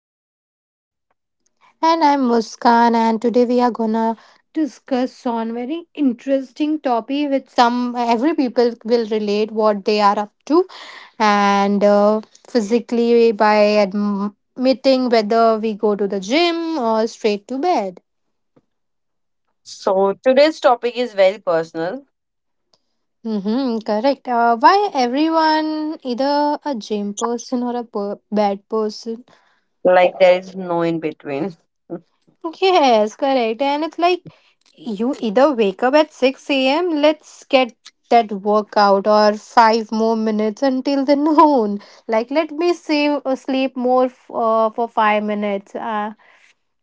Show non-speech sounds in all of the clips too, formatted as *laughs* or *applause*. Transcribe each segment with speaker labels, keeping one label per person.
Speaker 1: I'm Deepika.
Speaker 2: And I'm Muskan, and today we are gonna discuss on very interesting topic which some every people will relate what they are up to and physically by admitting whether we go to the gym or straight to bed.
Speaker 1: So today's topic is very personal,
Speaker 2: Mm-hmm, correct. Why everyone either a gym person or a bed person?
Speaker 1: like there is no in between. *laughs*
Speaker 2: Yes, correct. And it's like you either wake up at 6 a.m., let's get that workout or five more minutes until the *laughs* noon. Like, let me save, sleep more for 5 minutes.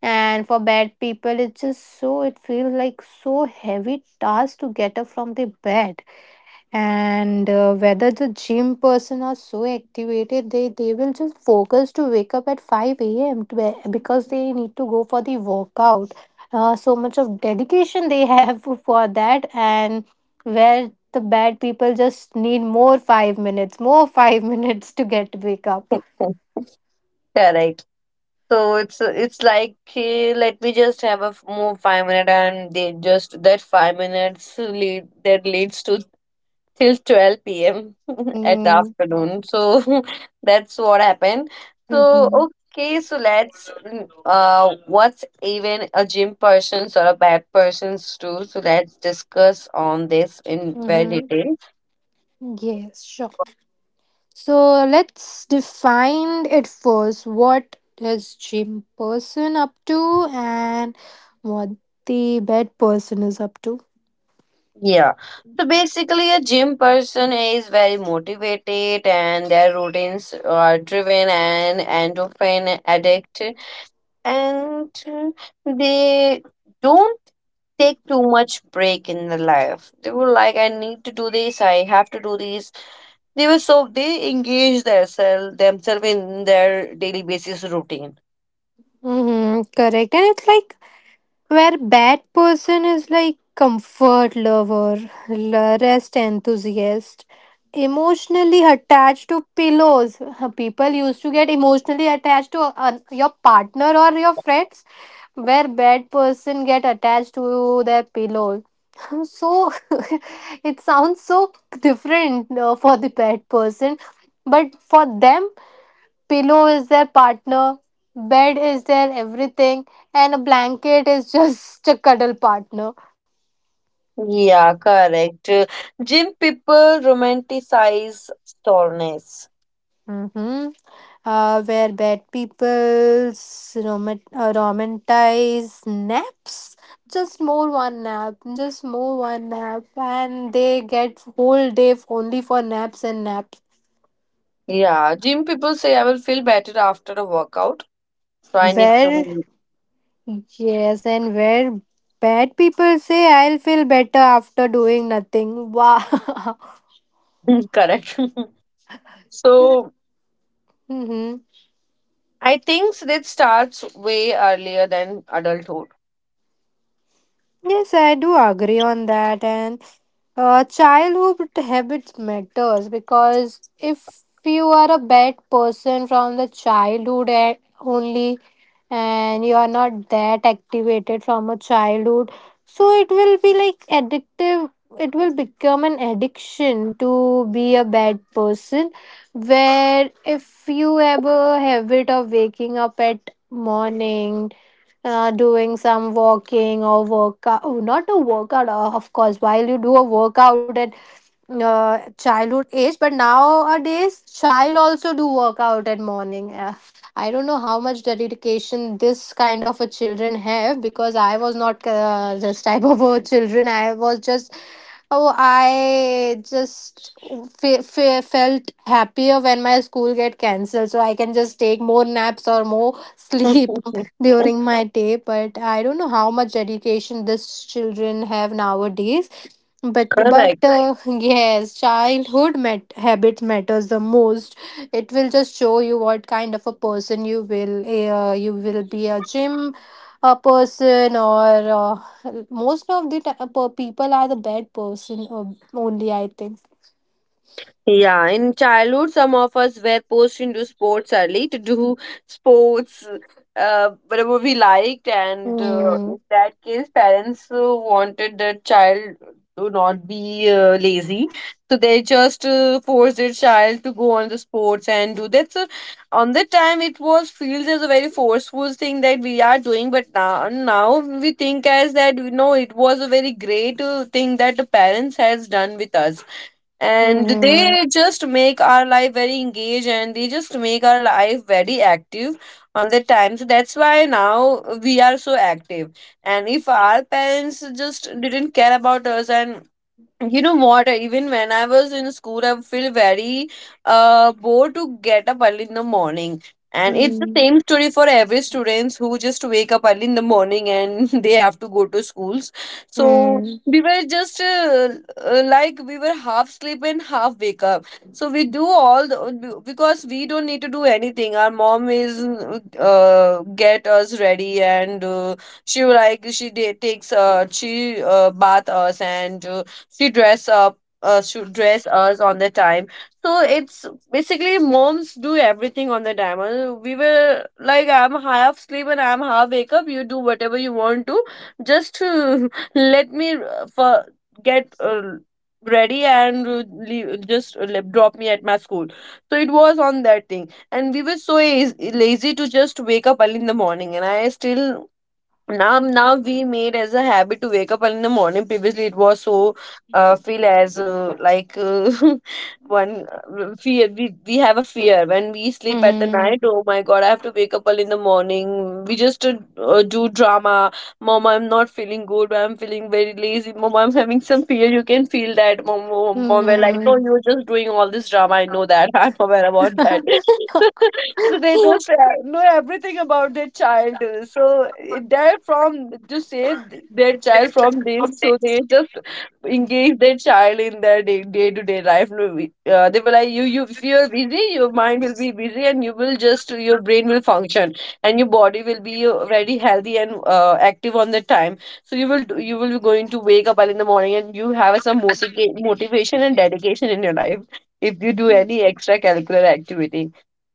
Speaker 2: And for bad people, it's just so, it feels like so heavy task to get up from the bed and whether the gym person are so activated, they will just focus to wake up at 5 a.m to, because they need to go for the workout. So much of dedication they have *laughs* for that. And where the bad people just need more 5 minutes, more *laughs* 5 minutes to get wake up.
Speaker 1: Correct. So it's like let me just have more 5 minute, and they just that 5 minutes leads to till 12 p.m. *laughs* at the
Speaker 2: Mm-hmm.
Speaker 1: afternoon. So *laughs* that's what happened. So
Speaker 2: Mm-hmm.
Speaker 1: okay, so let's what's even a gym person's or a bad person's too. So let's discuss on this in very
Speaker 2: Mm-hmm.
Speaker 1: detail.
Speaker 2: Yes, sure. So let's define it first. What is gym person up to, and what the bed person is up to?
Speaker 1: Yeah. So basically, a gym person is very motivated and their routines are driven and endorphin addict, and they don't take too much break in the life. They were like, I need to do this, I have to do this. They were so, they engaged themselves in their daily basis routine.
Speaker 2: Mm-hmm, correct. And it's like, where bad person is like comfort lover, rest enthusiast, emotionally attached to pillows. *laughs* People used to get emotionally attached to your partner or your friends, where bad person get attached to their pillow. *laughs* So *laughs* it sounds so different for the bad person, but for them pillow is their partner, bed is their everything, and a blanket is *laughs* just a cuddle partner.
Speaker 1: Yeah, correct. Gym people romanticize soreness.
Speaker 2: Mm-hmm. Where bad people romanticize naps. Just more one nap, just more one nap, and they get whole day only for naps and naps.
Speaker 1: Yeah, gym people say, I will feel better after a workout, so I need
Speaker 2: Where,
Speaker 1: to.
Speaker 2: yes, and where bad people say, I'll feel better after doing nothing. Wow.
Speaker 1: *laughs* Correct. *laughs* So
Speaker 2: *laughs* Mm-hmm.
Speaker 1: I think that starts way earlier than adulthood.
Speaker 2: Yes, I do agree on that. And childhood habits matters because if you are a bad person from the childhood only, and you are not that activated from a childhood, so it will be like addictive. It will become an addiction to be a bad person. Where if you have a habit of waking up at morning, doing some walking or workout. Oh, not a workout, of course while you do a workout at childhood age, but nowadays child also do workout at morning. I don't know how much dedication this kind of a children have because I was not this type of a children. I was just, oh, I just felt happier when my school get cancelled, so I can just take more naps or more *laughs* sleep
Speaker 1: *laughs*
Speaker 2: during my day. But I don't know how much education these children have nowadays. but but
Speaker 1: Correct.
Speaker 2: uh, yes, childhood habits matters the most. It will just show you what kind of a person you will, you will be a gym a person, or most of the people are the bad person, only, I think.
Speaker 1: Yeah, in childhood, some of us were pushed into sports early to do sports, whatever we liked, and in
Speaker 2: Mm.
Speaker 1: that case, parents wanted their child to not be lazy, so they just forced their child to go on the sports and do that. So on the time, it was feels as a very forceful thing that we are doing, but now we think as that, you know, it was a very great thing that the parents has done with us, and
Speaker 2: Mm-hmm.
Speaker 1: they just make our life very engaged and they just make our life very active on the time. So that's why now we are so active. And if our parents just didn't care about us, and you know what, even when I was in school, I feel very bored to get up early in the morning. And it's the same story for every students who just wake up early in the morning and *laughs* they have to go to schools. So
Speaker 2: Mm-hmm.
Speaker 1: we were just like, we were half sleep and half wake up. So we do all the, because we don't need to do anything, our mom is get us ready, and she like she takes she bath us, and she dress up, she dress us on the time. So it's basically moms do everything on the time. We were like, I'm half sleep and I'm half wake up, you do whatever you want to, just to *laughs* let me for get ready and leave, just drop me at my school. So it was on that thing, and we were so lazy to just wake up early in the morning. And I still, now we made as a habit to wake up early in the morning. Previously, it was so feel as like *laughs* one fear. We have a fear when we sleep at the
Speaker 2: Mm-hmm.
Speaker 1: night. Oh my god, I have to wake up early in the morning. We just do drama. Mom, I'm not feeling good, I'm feeling very lazy, mom, I'm having some fear, you can feel that, mom, mom. We're like, oh, you're just doing all this drama, I know that, *laughs* I'm aware about that. *laughs* So they
Speaker 2: Mm-hmm.
Speaker 1: just
Speaker 2: *laughs*
Speaker 1: know everything about their child. Uh, so they're from to save their child from this, so they just engage their child in their day to day life. No, they were like, you if you're busy, your mind will be busy, and you will just your brain will function, and your body will be very healthy and active on the time. So you will you will be going to wake up early in the morning, and you have some motivation and dedication in your life if you do any extracurricular activity,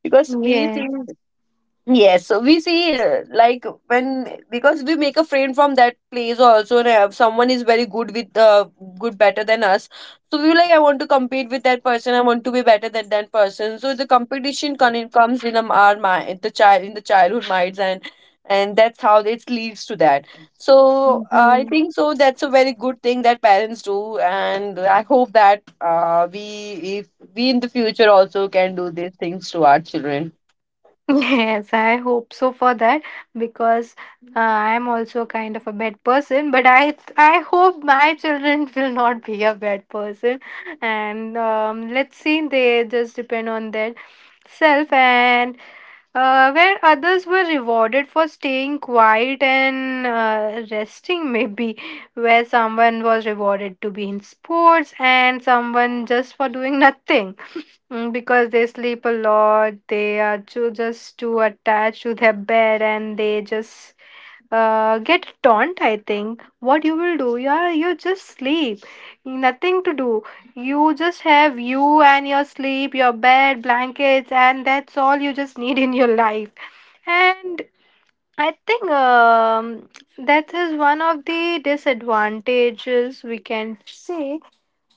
Speaker 1: because we
Speaker 2: Yes.
Speaker 1: see, yes, so we see like, when, because we make a friend from that place also, and if someone is very good with good better than us, so we like, I want to compete with that person, I want to be better than that person. So the comes in our mind, the child in the childhood minds. And that's how it leads to that. So I
Speaker 2: Mhm.
Speaker 1: think so that's a very good thing that parents do, and I hope that we, if we in the future also can do these things to our children.
Speaker 2: *laughs* Yes, I hope so for that, because I'm also kind of a bad person, but I hope my children *laughs* will not be a bad person, and let's see, they just depend on their self. And where others were rewarded for staying quiet and resting, *laughs* maybe where someone was rewarded to be in sports and someone just for doing nothing. Mm, because they sleep a lot, they are too, just too attached to their bed, and they just get taunt. I think, what you will do, you are you just sleep, nothing to do. You just have you and your sleep, your bed, blankets, and that's all you just need in your life. And I think, that is one of the disadvantages we can say.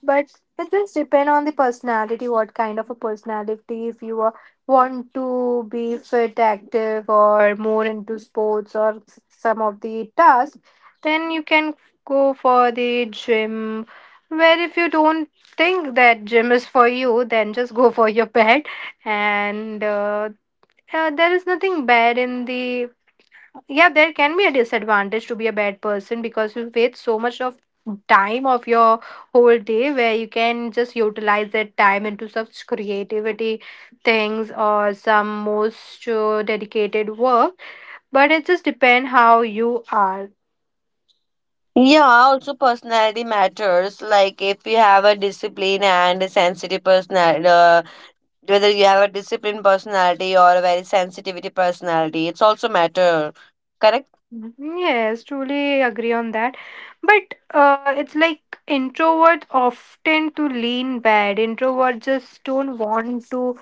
Speaker 2: But it just depend on the personality. What kind of a personality, if you are, want to be fit, active, or more into sports, or some of the tasks, then you can go for the gym. Where if you don't think that gym is for you, then just go for your *laughs* bed. And there is nothing bad in the, yeah, there can be a disadvantage to be a bad person because you waste so much of time of your whole day where you can just utilize that time into such creativity things or some most dedicated work. But it just depend how you are.
Speaker 1: Yeah, also personality matters. Like, if you have a discipline and a sensitive personality, whether you have a disciplined personality or a very sensitivity personality, it's also matter. Correct?
Speaker 2: Mhm. Yes, truly agree on that. But it's like introverts often to lean bad. Introverts just don't want to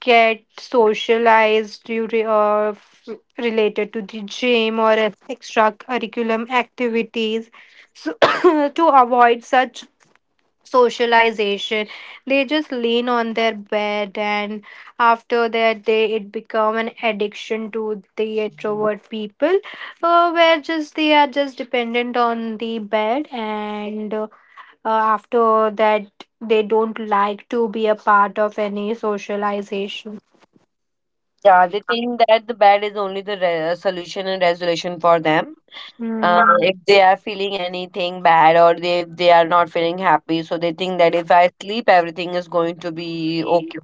Speaker 2: get socialized due to, related to the gym or extracurriculum activities. So *coughs* to avoid such socialization, they just lean on their bed, and after that, they it become an addiction to the introvert people, where just they are just dependent on the bed. And after that, they don't like to be a part of any socialization.
Speaker 1: Yeah, they think that the bad is only the solution and resolution for them.
Speaker 2: Mm-hmm.
Speaker 1: If they are feeling anything bad, or they if they are not feeling happy, so they think that if I sleep, everything is going to be okay.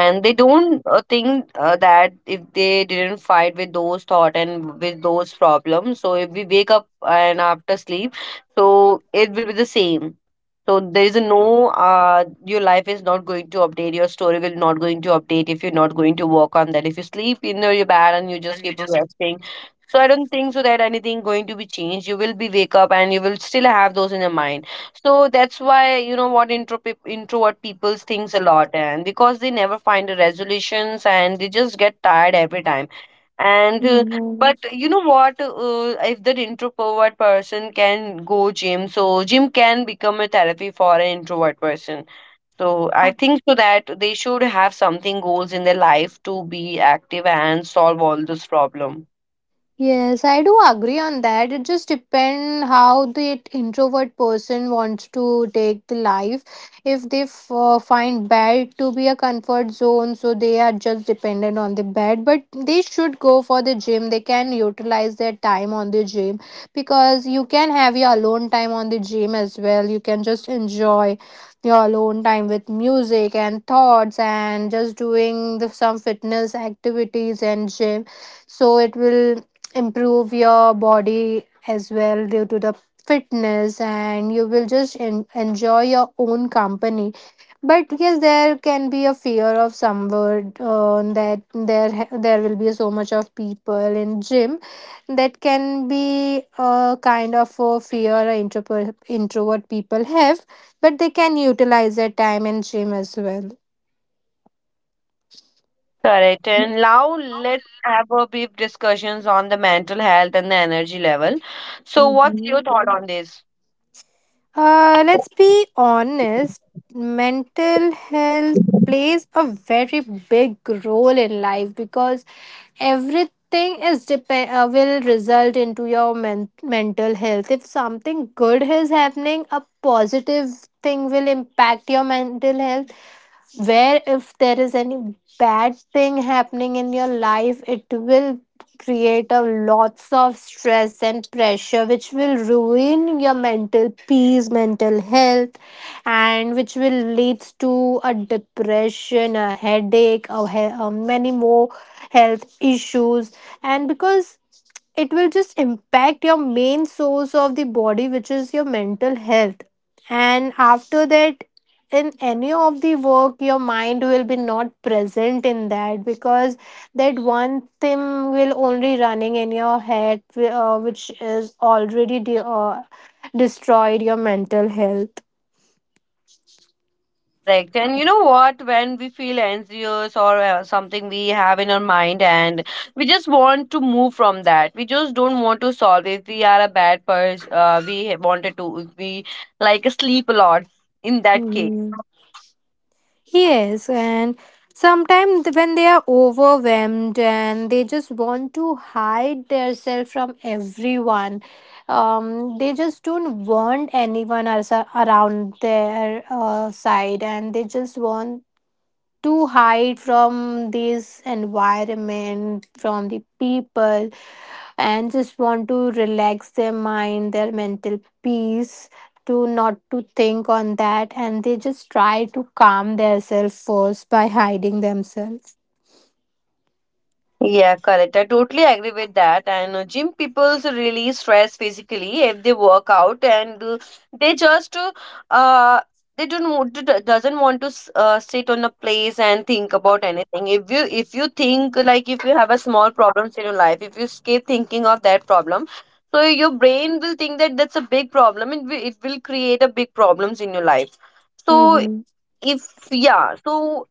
Speaker 1: And they don't think that if they didn't fight with those thought and with those problems, so if we wake up and after sleep, so it will be the same. So there is a no your life is not going to update, your story will not going to update if you're not going to work on that. If you sleep in your bed and you just keep resting, so I don't think so that anything going to be changed. You will be wake up and you will still have those in your mind. So that's why, you know what, introvert people thinks a lot, and because they never find the resolutions, and they just get tired every time. And
Speaker 2: Mm-hmm.
Speaker 1: But you know what, if that introvert person can go gym, so gym can become a therapy for an introvert person. So I think so that they should have something goals in their life to be active and solve all this problem.
Speaker 2: Yes, I do agree on that. It just depends how the introvert person wants to take the life. If they find bed to be a comfort zone, so they are just dependent on the bed. But they should go for the gym. They can utilize their time on the gym, because you can have your alone time on the gym as well. You can just enjoy your alone time with music and thoughts and just doing the, some fitness activities and gym. So it will improve your body as well due to the fitness, and you will just enjoy your own company. But yes, there can be a fear of somewhere, that there there will be so much of people in gym. That can be a kind of a fear a introvert people have, but they can utilize their time in gym as well.
Speaker 1: Correct. And now let's have a brief discussions on the mental health and the energy level. So what's your thought on this?
Speaker 2: Let's be honest, mental health plays a very big role in life, because everything is depend, will result into your mental health. If something good is happening, a positive thing will impact your mental health. Where if there is any bad thing happening in your life, it will create a lots of stress and pressure, which will ruin your mental peace, mental health, and which will leads to a depression, a headache, a many more health issues. And because it will just impact your main source of the body, which is your mental health. And after that, in any of the work your mind will be not present in that, because that one thing will only running in your head, which is already destroyed your mental health.
Speaker 1: Correct. And you know what, when we feel anxious or something we have in our mind, and we just want to move from that, we just don't want to solve. If we are a bad person, we wanted to, if we like sleep a lot. In that case.
Speaker 2: Mhm. Yes, and sometimes when they are overwhelmed and they just want to hide themselves from everyone, they just don't want anyone else around their side, and they just want to hide from this environment, from the people, and just want to relax their mind, their mental peace, to not to think on that, and they just try to calm themselves first by hiding themselves.
Speaker 1: Yeah, correct. I totally agree with that. And gym people's really stress physically if they work out, and they just uh, they don't want to, doesn't want to sit on a place and think about anything. If you think, like, if you have a small problems in your life, if you keep thinking of that problem, so your brain will think that that's a big problem, and it will create a big problems in your life. So
Speaker 2: Mm-hmm.
Speaker 1: if yeah, so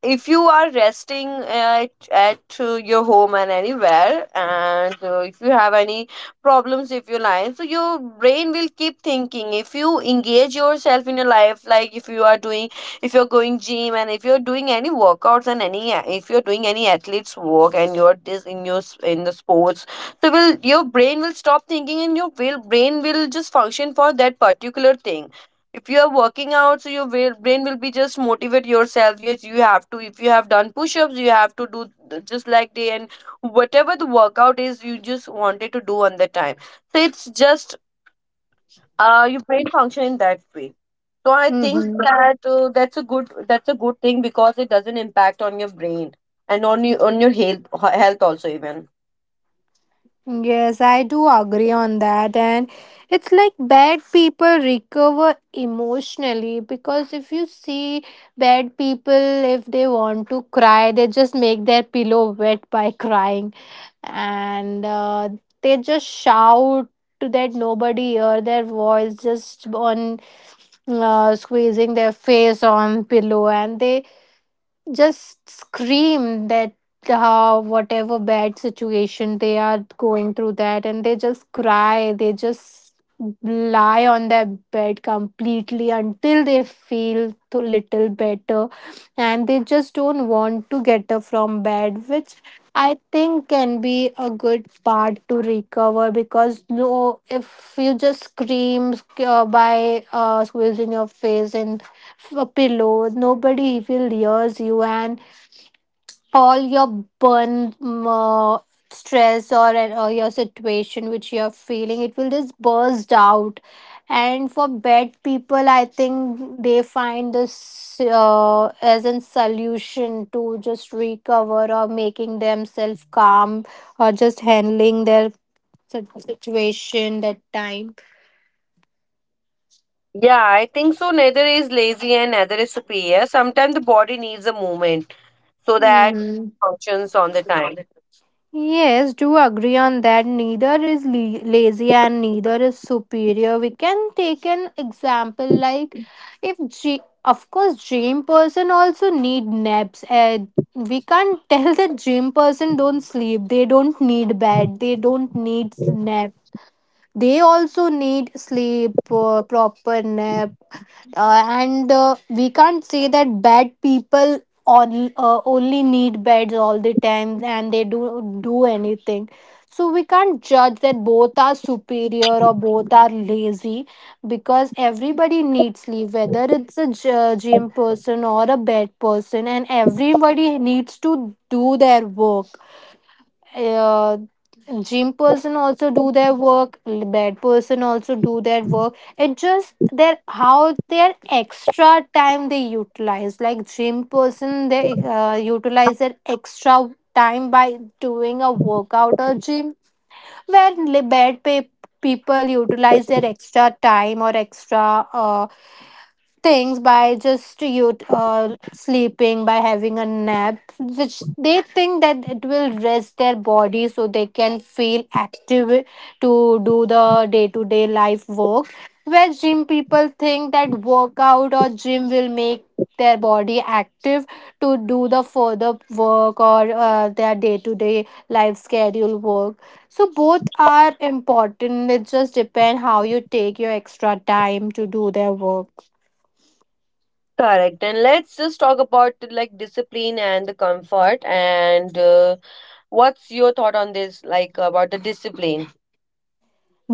Speaker 1: if you are resting at, at your home and anywhere, and if you have any problems, if you're lying, so your brain will keep thinking. If you engage yourself in your life, like if you are doing, if you're going gym, and if you're doing any workouts, and any, if you're doing any athletes work, and you're this in your in the sports, so will your brain will stop thinking, and your will, brain will just function for that particular thing. If you are working out, so your brain will be just motivate yourself, yes, you have to, if you have done push-ups, you have to do just like day, and whatever the workout is, you just wanted to do on the time. So it's just your brain function in that way. So I think
Speaker 2: Mm-hmm.
Speaker 1: that that's a good thing, because it doesn't impact on your brain and on your health also, even.
Speaker 2: Yes, I do agree on that. And it's like bad people recover emotionally, because if you see bad people, if they want to cry, they just make their pillow wet by crying. And they just shout to that nobody hear their voice, just on squeezing their face on pillow, and they just scream that whatever bad situation they are going through that, and they just cry, they just lie on their bed completely until they feel a little better, and they just don't want to get up from bed, which I think can be a good part to recover. Because no, if you just scream by squeezing your face and a pillow, nobody will hears you, and all your burn stress or your situation which you are feeling, it will just burst out. And for bad people, I think they find this as a solution to just recover or making themselves calm, or just handling their situation that time.
Speaker 1: Yeah, I think so. Neither is lazy and neither is superior. Sometimes the body needs a movement so that it
Speaker 2: Mm-hmm.
Speaker 1: functions on the time.
Speaker 2: Yes, do agree on that. Neither is lazy and neither is superior. We can take an example like, if, of course, gym person also need naps. And we can't *laughs* tell that gym person don't sleep. They don't need bed. They don't need nap. They also need sleep, proper nap and we can't say that bad people on only need beds all the time and they do anything. So we can't judge that both are superior or both are lazy, because everybody needs sleep whether it's a gym person or a bed person, and everybody needs to do their work. uh, Gym person also do their work, bed person also do their work. It just their how their extra time they utilize. Like gym person, they utilize their extra time by doing a workout or gym, where people utilize their extra time or extra things by just you uh, sleeping, by having a nap, which they think that it will rest their body so they can feel active to do the day to day life work, where gym people think that workout or gym will make their body active to do the further work or their day to day life schedule work. So both are important. It just depends how you take your extra time to do their work.
Speaker 1: Correct. And let's just talk about the, like, discipline and the comfort. And what's your thought on this, like, about the discipline?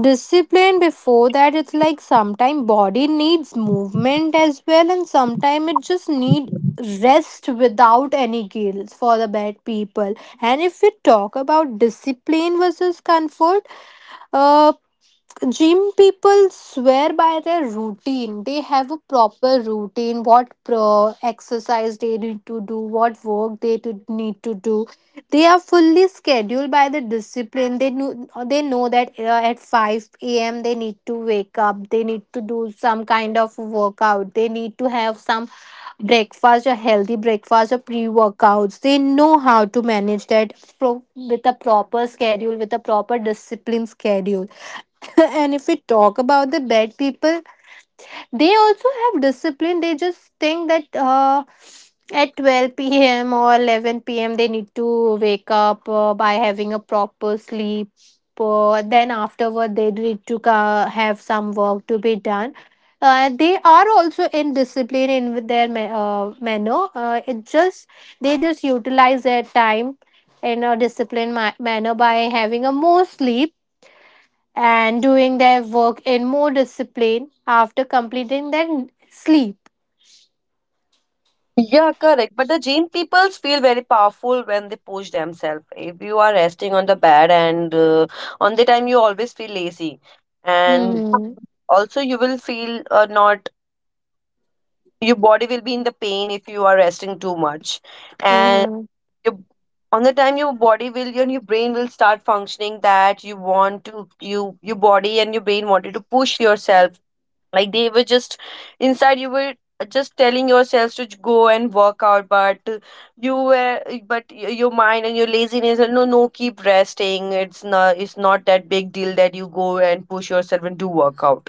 Speaker 2: Discipline, before that, it's like sometimes body needs movement as well, and sometimes it just need rest without any guilt for the bad people. And if we talk about discipline versus comfort, uh gym people swear by their routine. They have a proper routine, what pro exercise they need to do, what work they to need to do. They are fully scheduled by the discipline. They know that at 5 a.m they need to wake up, they need to do some kind of workout, they need to have some breakfast or healthy breakfast or pre-workouts. They know how to manage that, with a proper schedule, with a proper discipline schedule. *laughs* And if we talk about the bad people, they also have discipline. They just think that at 12 p.m. or 11 p.m. they need to wake up by having a proper sleep. Then afterward they need to have some work to be done. They are also in discipline in with their manner. It just they just utilize their time in a disciplined manner by having a more sleep and doing their work in more discipline after completing their sleep.
Speaker 1: Yeah, correct. But the gym peoples feel very powerful when they push themselves. If you are resting on the bed, and on the time you always feel lazy. And
Speaker 2: Mm-hmm.
Speaker 1: also, you will feel not, your body will be in the pain if you are resting too much. And
Speaker 2: Mm-hmm.
Speaker 1: your, on the time your body will your brain will start functioning that you want to your body and your brain wanted to push yourself like they were just inside you were just telling yourselves to go and work out but you were but your mind and your laziness and no, keep resting, it's not that big deal that you go and push yourself and do workout.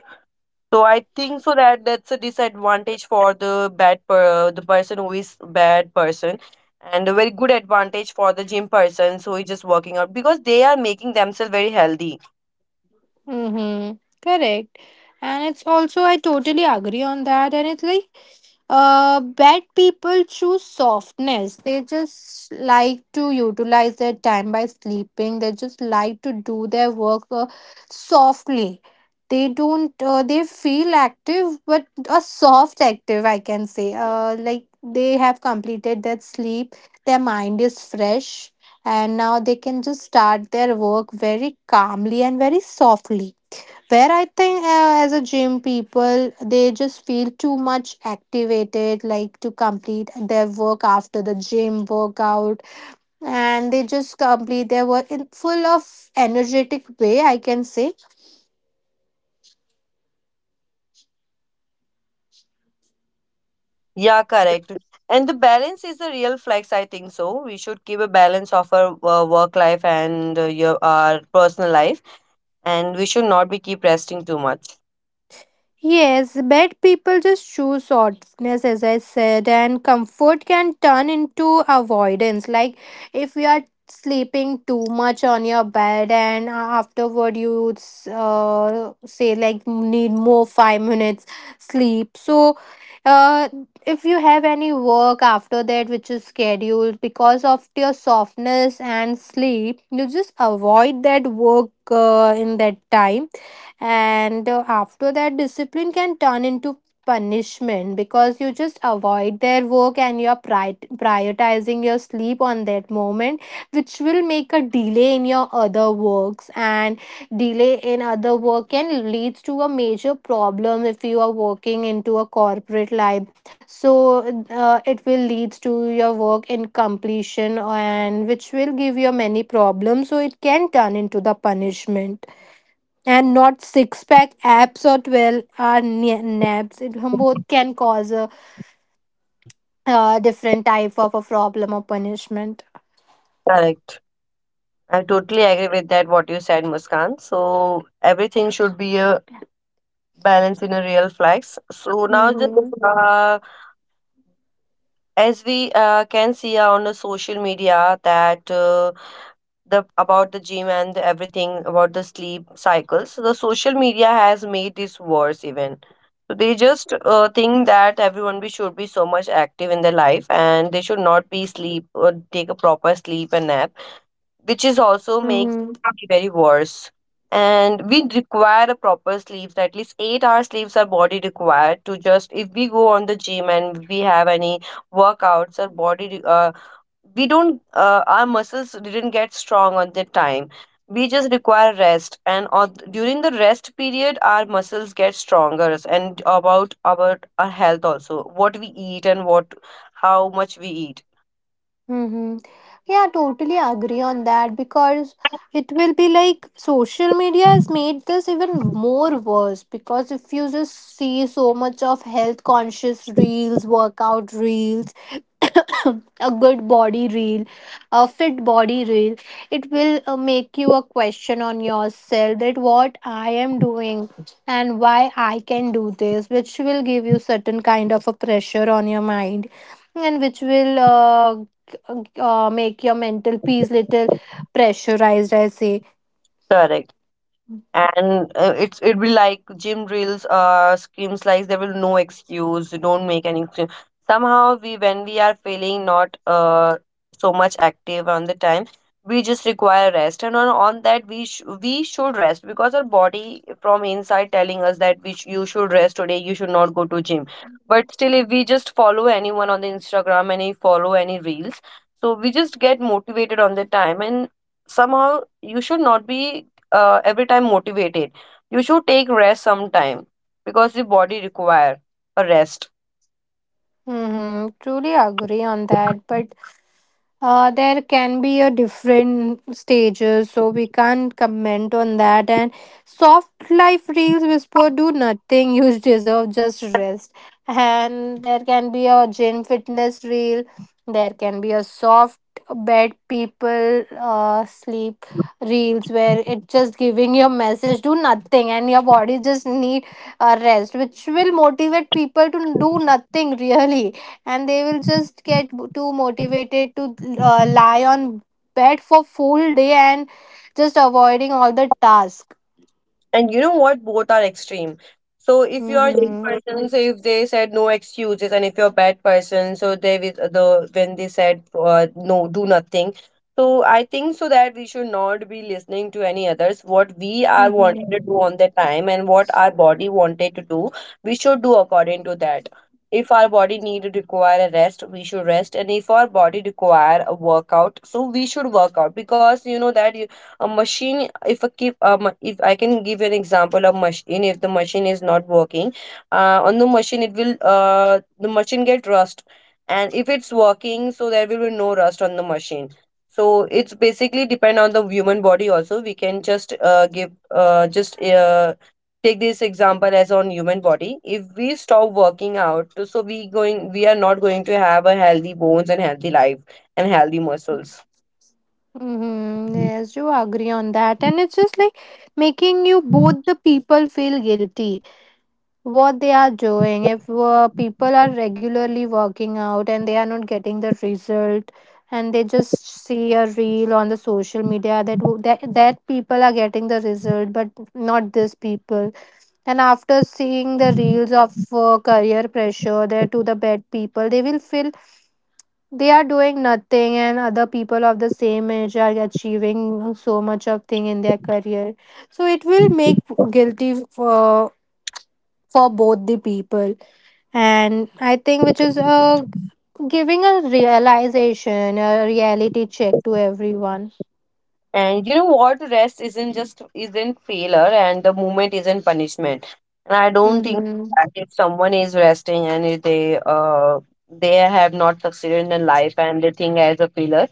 Speaker 1: So I think so that that's a disadvantage for the bad per the person who is bad person, and a very good advantage for the gym person who is just working out because they are making themselves very healthy.
Speaker 2: Mm-hmm. Correct. And it's also, I totally agree on that. And it's like, bad people choose softness. They just like to utilize their time by sleeping. They just like to do their work softly. They don't. They feel active, but a soft active, I can say. Like they have completed their sleep. Their mind is fresh, and now they can just start their work very calmly and very softly, where I think as a gym people, they just feel too much activated, like to complete their work after the gym workout, and they just complete their work in full of energetic way, I can say.
Speaker 1: Yeah, correct. And the balance is the real flex, I think so. We should keep a balance of our work life and your our personal life, and we should not be keep resting too much.
Speaker 2: Yes, bad people just choose softness, as I said, and comfort can turn into avoidance. Like if you are sleeping too much on your bed, and afterward you say like need more 5 minutes sleep. So, uh, if you have any work after that which is scheduled because of your softness and sleep, you just avoid that work in that time. And after that, discipline can turn into punishment, because you just avoid their work and you're prioritizing your sleep on that moment, which will make a delay in your other works, and delay in other work can leads to a major problem if you are working into a corporate life. So it will leads to your work incompletion, and which will give you many problems, so it can turn into the punishment. And not six pack abs or 12 hour naps, it both can cause a, different type of a problem or punishment.
Speaker 1: Correct. I totally agree with that, what you said, Muskan. So everything should be a balance in a real flex. So now just
Speaker 2: Mm-hmm.
Speaker 1: uh, as we can see on the social media that the about the gym and everything about the sleep cycles, the social media has made this worse even. So they just think that everyone be should be so much active in their life and they should not be sleep or take a proper sleep and nap, which is also makes it very worse. And we require a proper sleeps, at least 8 hours sleeps our body required to just if we go on the gym and we have any workouts, our we don't our muscles didn't get strong on that time. We just require rest, and during the rest period, our muscles get stronger. And about our health also, what we eat and what how much we eat.
Speaker 2: Mm-hmm. Yeah, totally agree on that, because it will be like social media has made this even more worse, because if you just see so much of health conscious reels, workout reels, *coughs* a good body reel, a fit body reel, it will make you a question on yourself that what I am doing and why I can do this, which will give you certain kind of a pressure on your mind, and which will make your mental peace little pressurized, I say.
Speaker 1: Correct. And it's it'd be like gym drills screams like there will no excuse, don't make any excuse. Somehow we, when we are feeling not so much active on the time, we just require rest, and on that we should rest because our body from inside telling us that you should rest today, you should not go to gym. But still if we just follow anyone on the Instagram and we follow any reels, so we just get motivated on the time. And somehow you should not be every time motivated, you should take rest sometime because the body require a rest.
Speaker 2: Mm-hmm, truly agree on that, but there can be a different stages, so we can't comment on that. And soft life reels whisper, do nothing, you *laughs* deserve just rest. And there can be a gym fitness reel, there can be a soft bed people sleep reels, where it just giving your message do nothing and your body just need a rest, which will motivate people to do nothing *laughs* really, and they will just get too motivated to lie on bed for full day and just avoiding all the task.
Speaker 1: And you know what? Both are extreme. So if you are good
Speaker 2: Mm-hmm.
Speaker 1: person, so if they said no excuses, and if you're a bad person, so they with the when they said no, do nothing. So I think so that we should not be listening to any others. What we are
Speaker 2: Mm-hmm.
Speaker 1: wanting to do on the time and what our body wanted to do, we should do according to that. If our body need to require a rest, we should rest, and if our body require a workout, so we should work out because you know that a machine if a keep if I can give an example of machine, if the machine is not working on the machine, it will the machine get rust, and if it's working, so there will be no rust on the machine. So it's basically depend on the human body also. We can just give just take this example as on human body. If we stop working out, so we are not going to have a healthy bones and healthy life and healthy muscles.
Speaker 2: Mm-hmm. Yes, you agree on that, and it's just like making you both the people feel guilty what they are doing. If people are regularly working out and they are not getting the result, and they just see a reel on the social media that that people are getting the result, but not this people. And after seeing the reels of career pressure there, to the bad people, they will feel they are doing nothing and other people of the same age are achieving so much of thing in their career, so it will make guilty for both the people. And I think which is giving a realization, a reality check to everyone.
Speaker 1: And you know what? Rest isn't failure, and the movement isn't punishment. And I don't think
Speaker 2: Mm-hmm.
Speaker 1: that if someone is resting and if they they have not succeeded in their life and they think as a failure.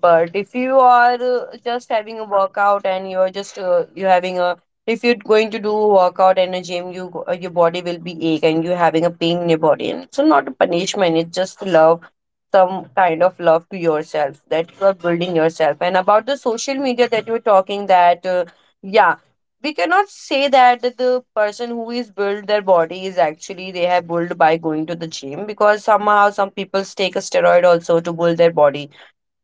Speaker 1: But if you are just having a workout and you're just you're having a if you're going to do a workout in a gym, your body will be ache and you're having a pain in your body, and it's not a punishment. It's just love, some kind of love to yourself that you are building yourself. And about the social media that you were talking that yeah, we cannot say that the person who is built their body is actually they have built by going to the gym because somehow some people take a steroid also to build their body.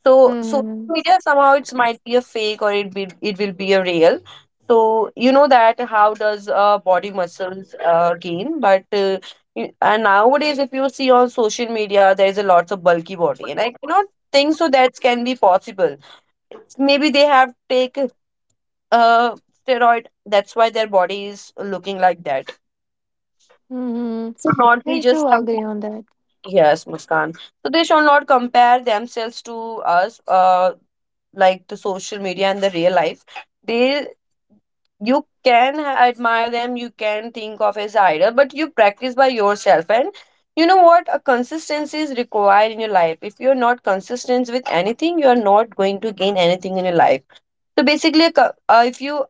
Speaker 1: So social
Speaker 2: Mm-hmm.
Speaker 1: media somehow it's might be a fake or it will be a real. So you know that how does body muscles gain? But and nowadays if you see on social media, there is a lots of bulky body, and I cannot think so that can be possible. Maybe they have take uh steroid. That's why their body is looking like that.
Speaker 2: Mm-hmm.
Speaker 1: Should not
Speaker 2: Yes, do agree on that.
Speaker 1: yes, Muskan. So they should not compare themselves to us. Like the social media and the real life, they you can admire them, you can think of as idol, but you practice by yourself. And you know what? A consistency is required in your life. If you're not consistent with anything, you're not going to gain anything in your life. So basically if you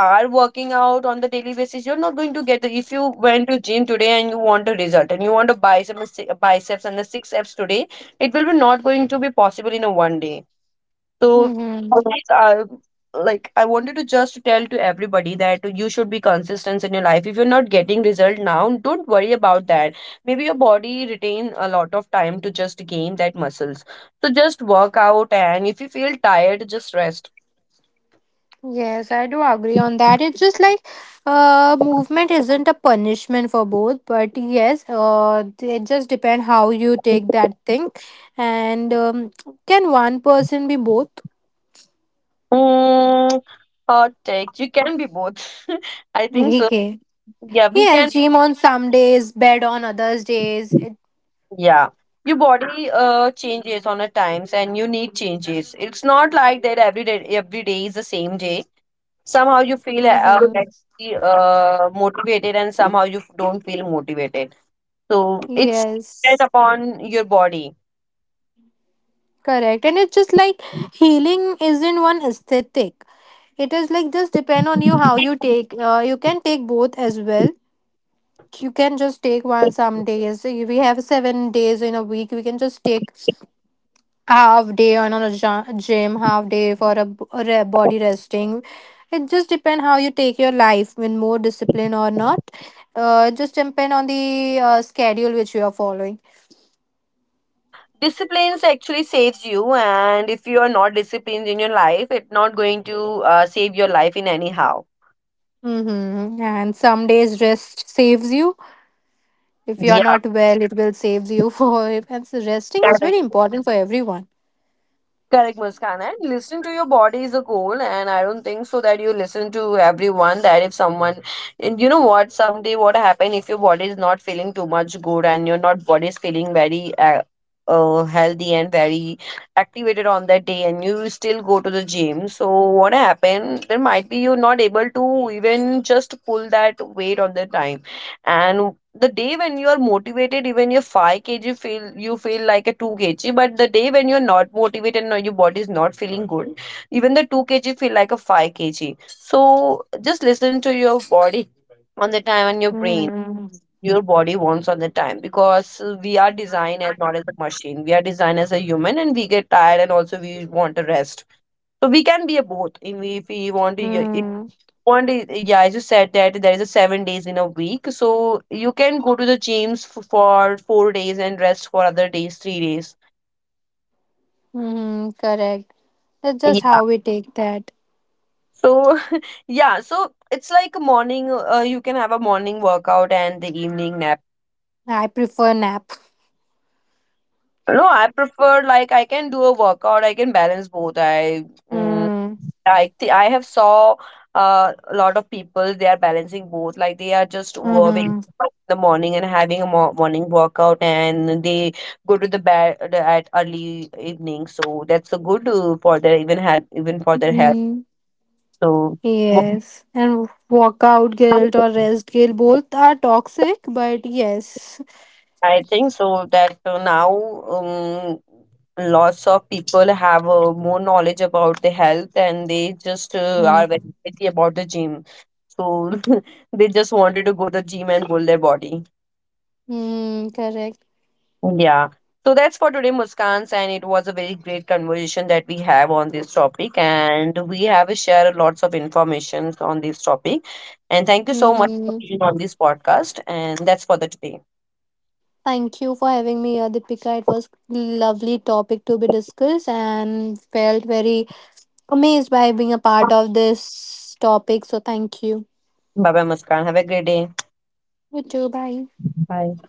Speaker 1: are working out on the daily basis, you're not going to get the, if you went to gym today and you want a result and you want a bicep and a si- a biceps and the six abs today, it will be not going to be possible in a 1 day. So
Speaker 2: Mm-hmm.
Speaker 1: I, like, I wanted to just tell to everybody that you should be consistent in your life. If you're not getting result now, don't worry about that. Maybe your body retain a lot of time to just gain that muscles. So just work out, and if you feel tired, just rest.
Speaker 2: Yes, I do agree on that. It's just like movement isn't a punishment for both, but yes, it just depends how you take that thing. And can one person be both?
Speaker 1: Mm, hot take. You can be both. *laughs* I
Speaker 2: *laughs*
Speaker 1: think so.
Speaker 2: Okay.
Speaker 1: Yeah, we can.
Speaker 2: Yes, gym on some days, bed on others days, it,
Speaker 1: Yeah. Your body changes on a times and you need changes. It's not like that every day is the same day. Somehow you feel
Speaker 2: mm-hmm.
Speaker 1: motivated and somehow you don't feel motivated. So it's depend
Speaker 2: Yes,
Speaker 1: upon your body.
Speaker 2: correct. And it's just like healing isn't one aesthetic. It is like just depend on you how you take. You can take both as well. You can just take one some days. So we have 7 days in a week. We can just take half day on a gym, half day for a, body resting. It just depend how you take your life with more discipline or not. It just depend on the schedule which you are following.
Speaker 1: Yeah, disciplines actually saves you, and if you are not disciplined in your life, it's not going to save your life in anyhow.
Speaker 2: Mm-hmm. And some days rest saves you. If you are
Speaker 1: Yeah.
Speaker 2: not well, it will save you *laughs* for it. And so resting is
Speaker 1: Correct.
Speaker 2: very important for everyone.
Speaker 1: Correct, Muskan. And listen to your body is a goal, and I don't think so that you listen to everyone. That if someone, and you know what, someday what happen if your body is not feeling too much good and your not body is feeling very healthy and very activated on that day, and you still go to the gym. So what happen? There might be you not able to even just pull that weight on the time, and the day when you are motivated, even your 5 kg feel, you feel like a 2 kg. But the day when you're not motivated and your body is not feeling good, even the 2 kg feel like a 5 kg. So just listen to your body on the time and your brain, your body wants on the time because we are designed as not as a machine, we are designed as a human and we get tired, and also we want to rest. So we can be a both if we want to.
Speaker 2: Mm,
Speaker 1: 1 day, yeah, as you said that there is a 7 days in a week, so you can go to the gyms for 4 days and rest for other days, 3 days.
Speaker 2: mm, correct. That's just
Speaker 1: Yeah.
Speaker 2: how we take that.
Speaker 1: So, *laughs* yeah, so it's like a morning, you can have a morning workout and the evening nap.
Speaker 2: I prefer nap.
Speaker 1: No, I prefer like I can do a workout. I can balance both. I mm,
Speaker 2: Mm,
Speaker 1: I th- I have saw a lot of people they are balancing both. Like they are just waking
Speaker 2: mm-hmm.
Speaker 1: up in the morning and having a morning workout, and they go to the bed at early evening. So that's a good for their even for their health.
Speaker 2: Mm-hmm.
Speaker 1: So.
Speaker 2: Yes. And workout guilt
Speaker 1: wo-
Speaker 2: or rest guilt both are toxic, but yes.
Speaker 1: I think so that now um, lots of people have more knowledge about the health and they just are very
Speaker 2: Mm,
Speaker 1: busy about the gym. So *laughs* they just wanted to go to the gym and build their body.
Speaker 2: mm, correct.
Speaker 1: Yeah. So that's for today, Muskans, and it was a very great conversation that we have on this topic, and we have shared lots of information on this topic. And thank you so much for
Speaker 2: Mm-hmm.
Speaker 1: being on this podcast, and that's for the today.
Speaker 2: Thank you for having me here, Deepika. It was lovely topic to be discussed and felt very amazed by being a part of this topic. So thank you.
Speaker 1: Bye bye, Muskan. Have a great day.
Speaker 2: You too. Bye.
Speaker 1: Bye.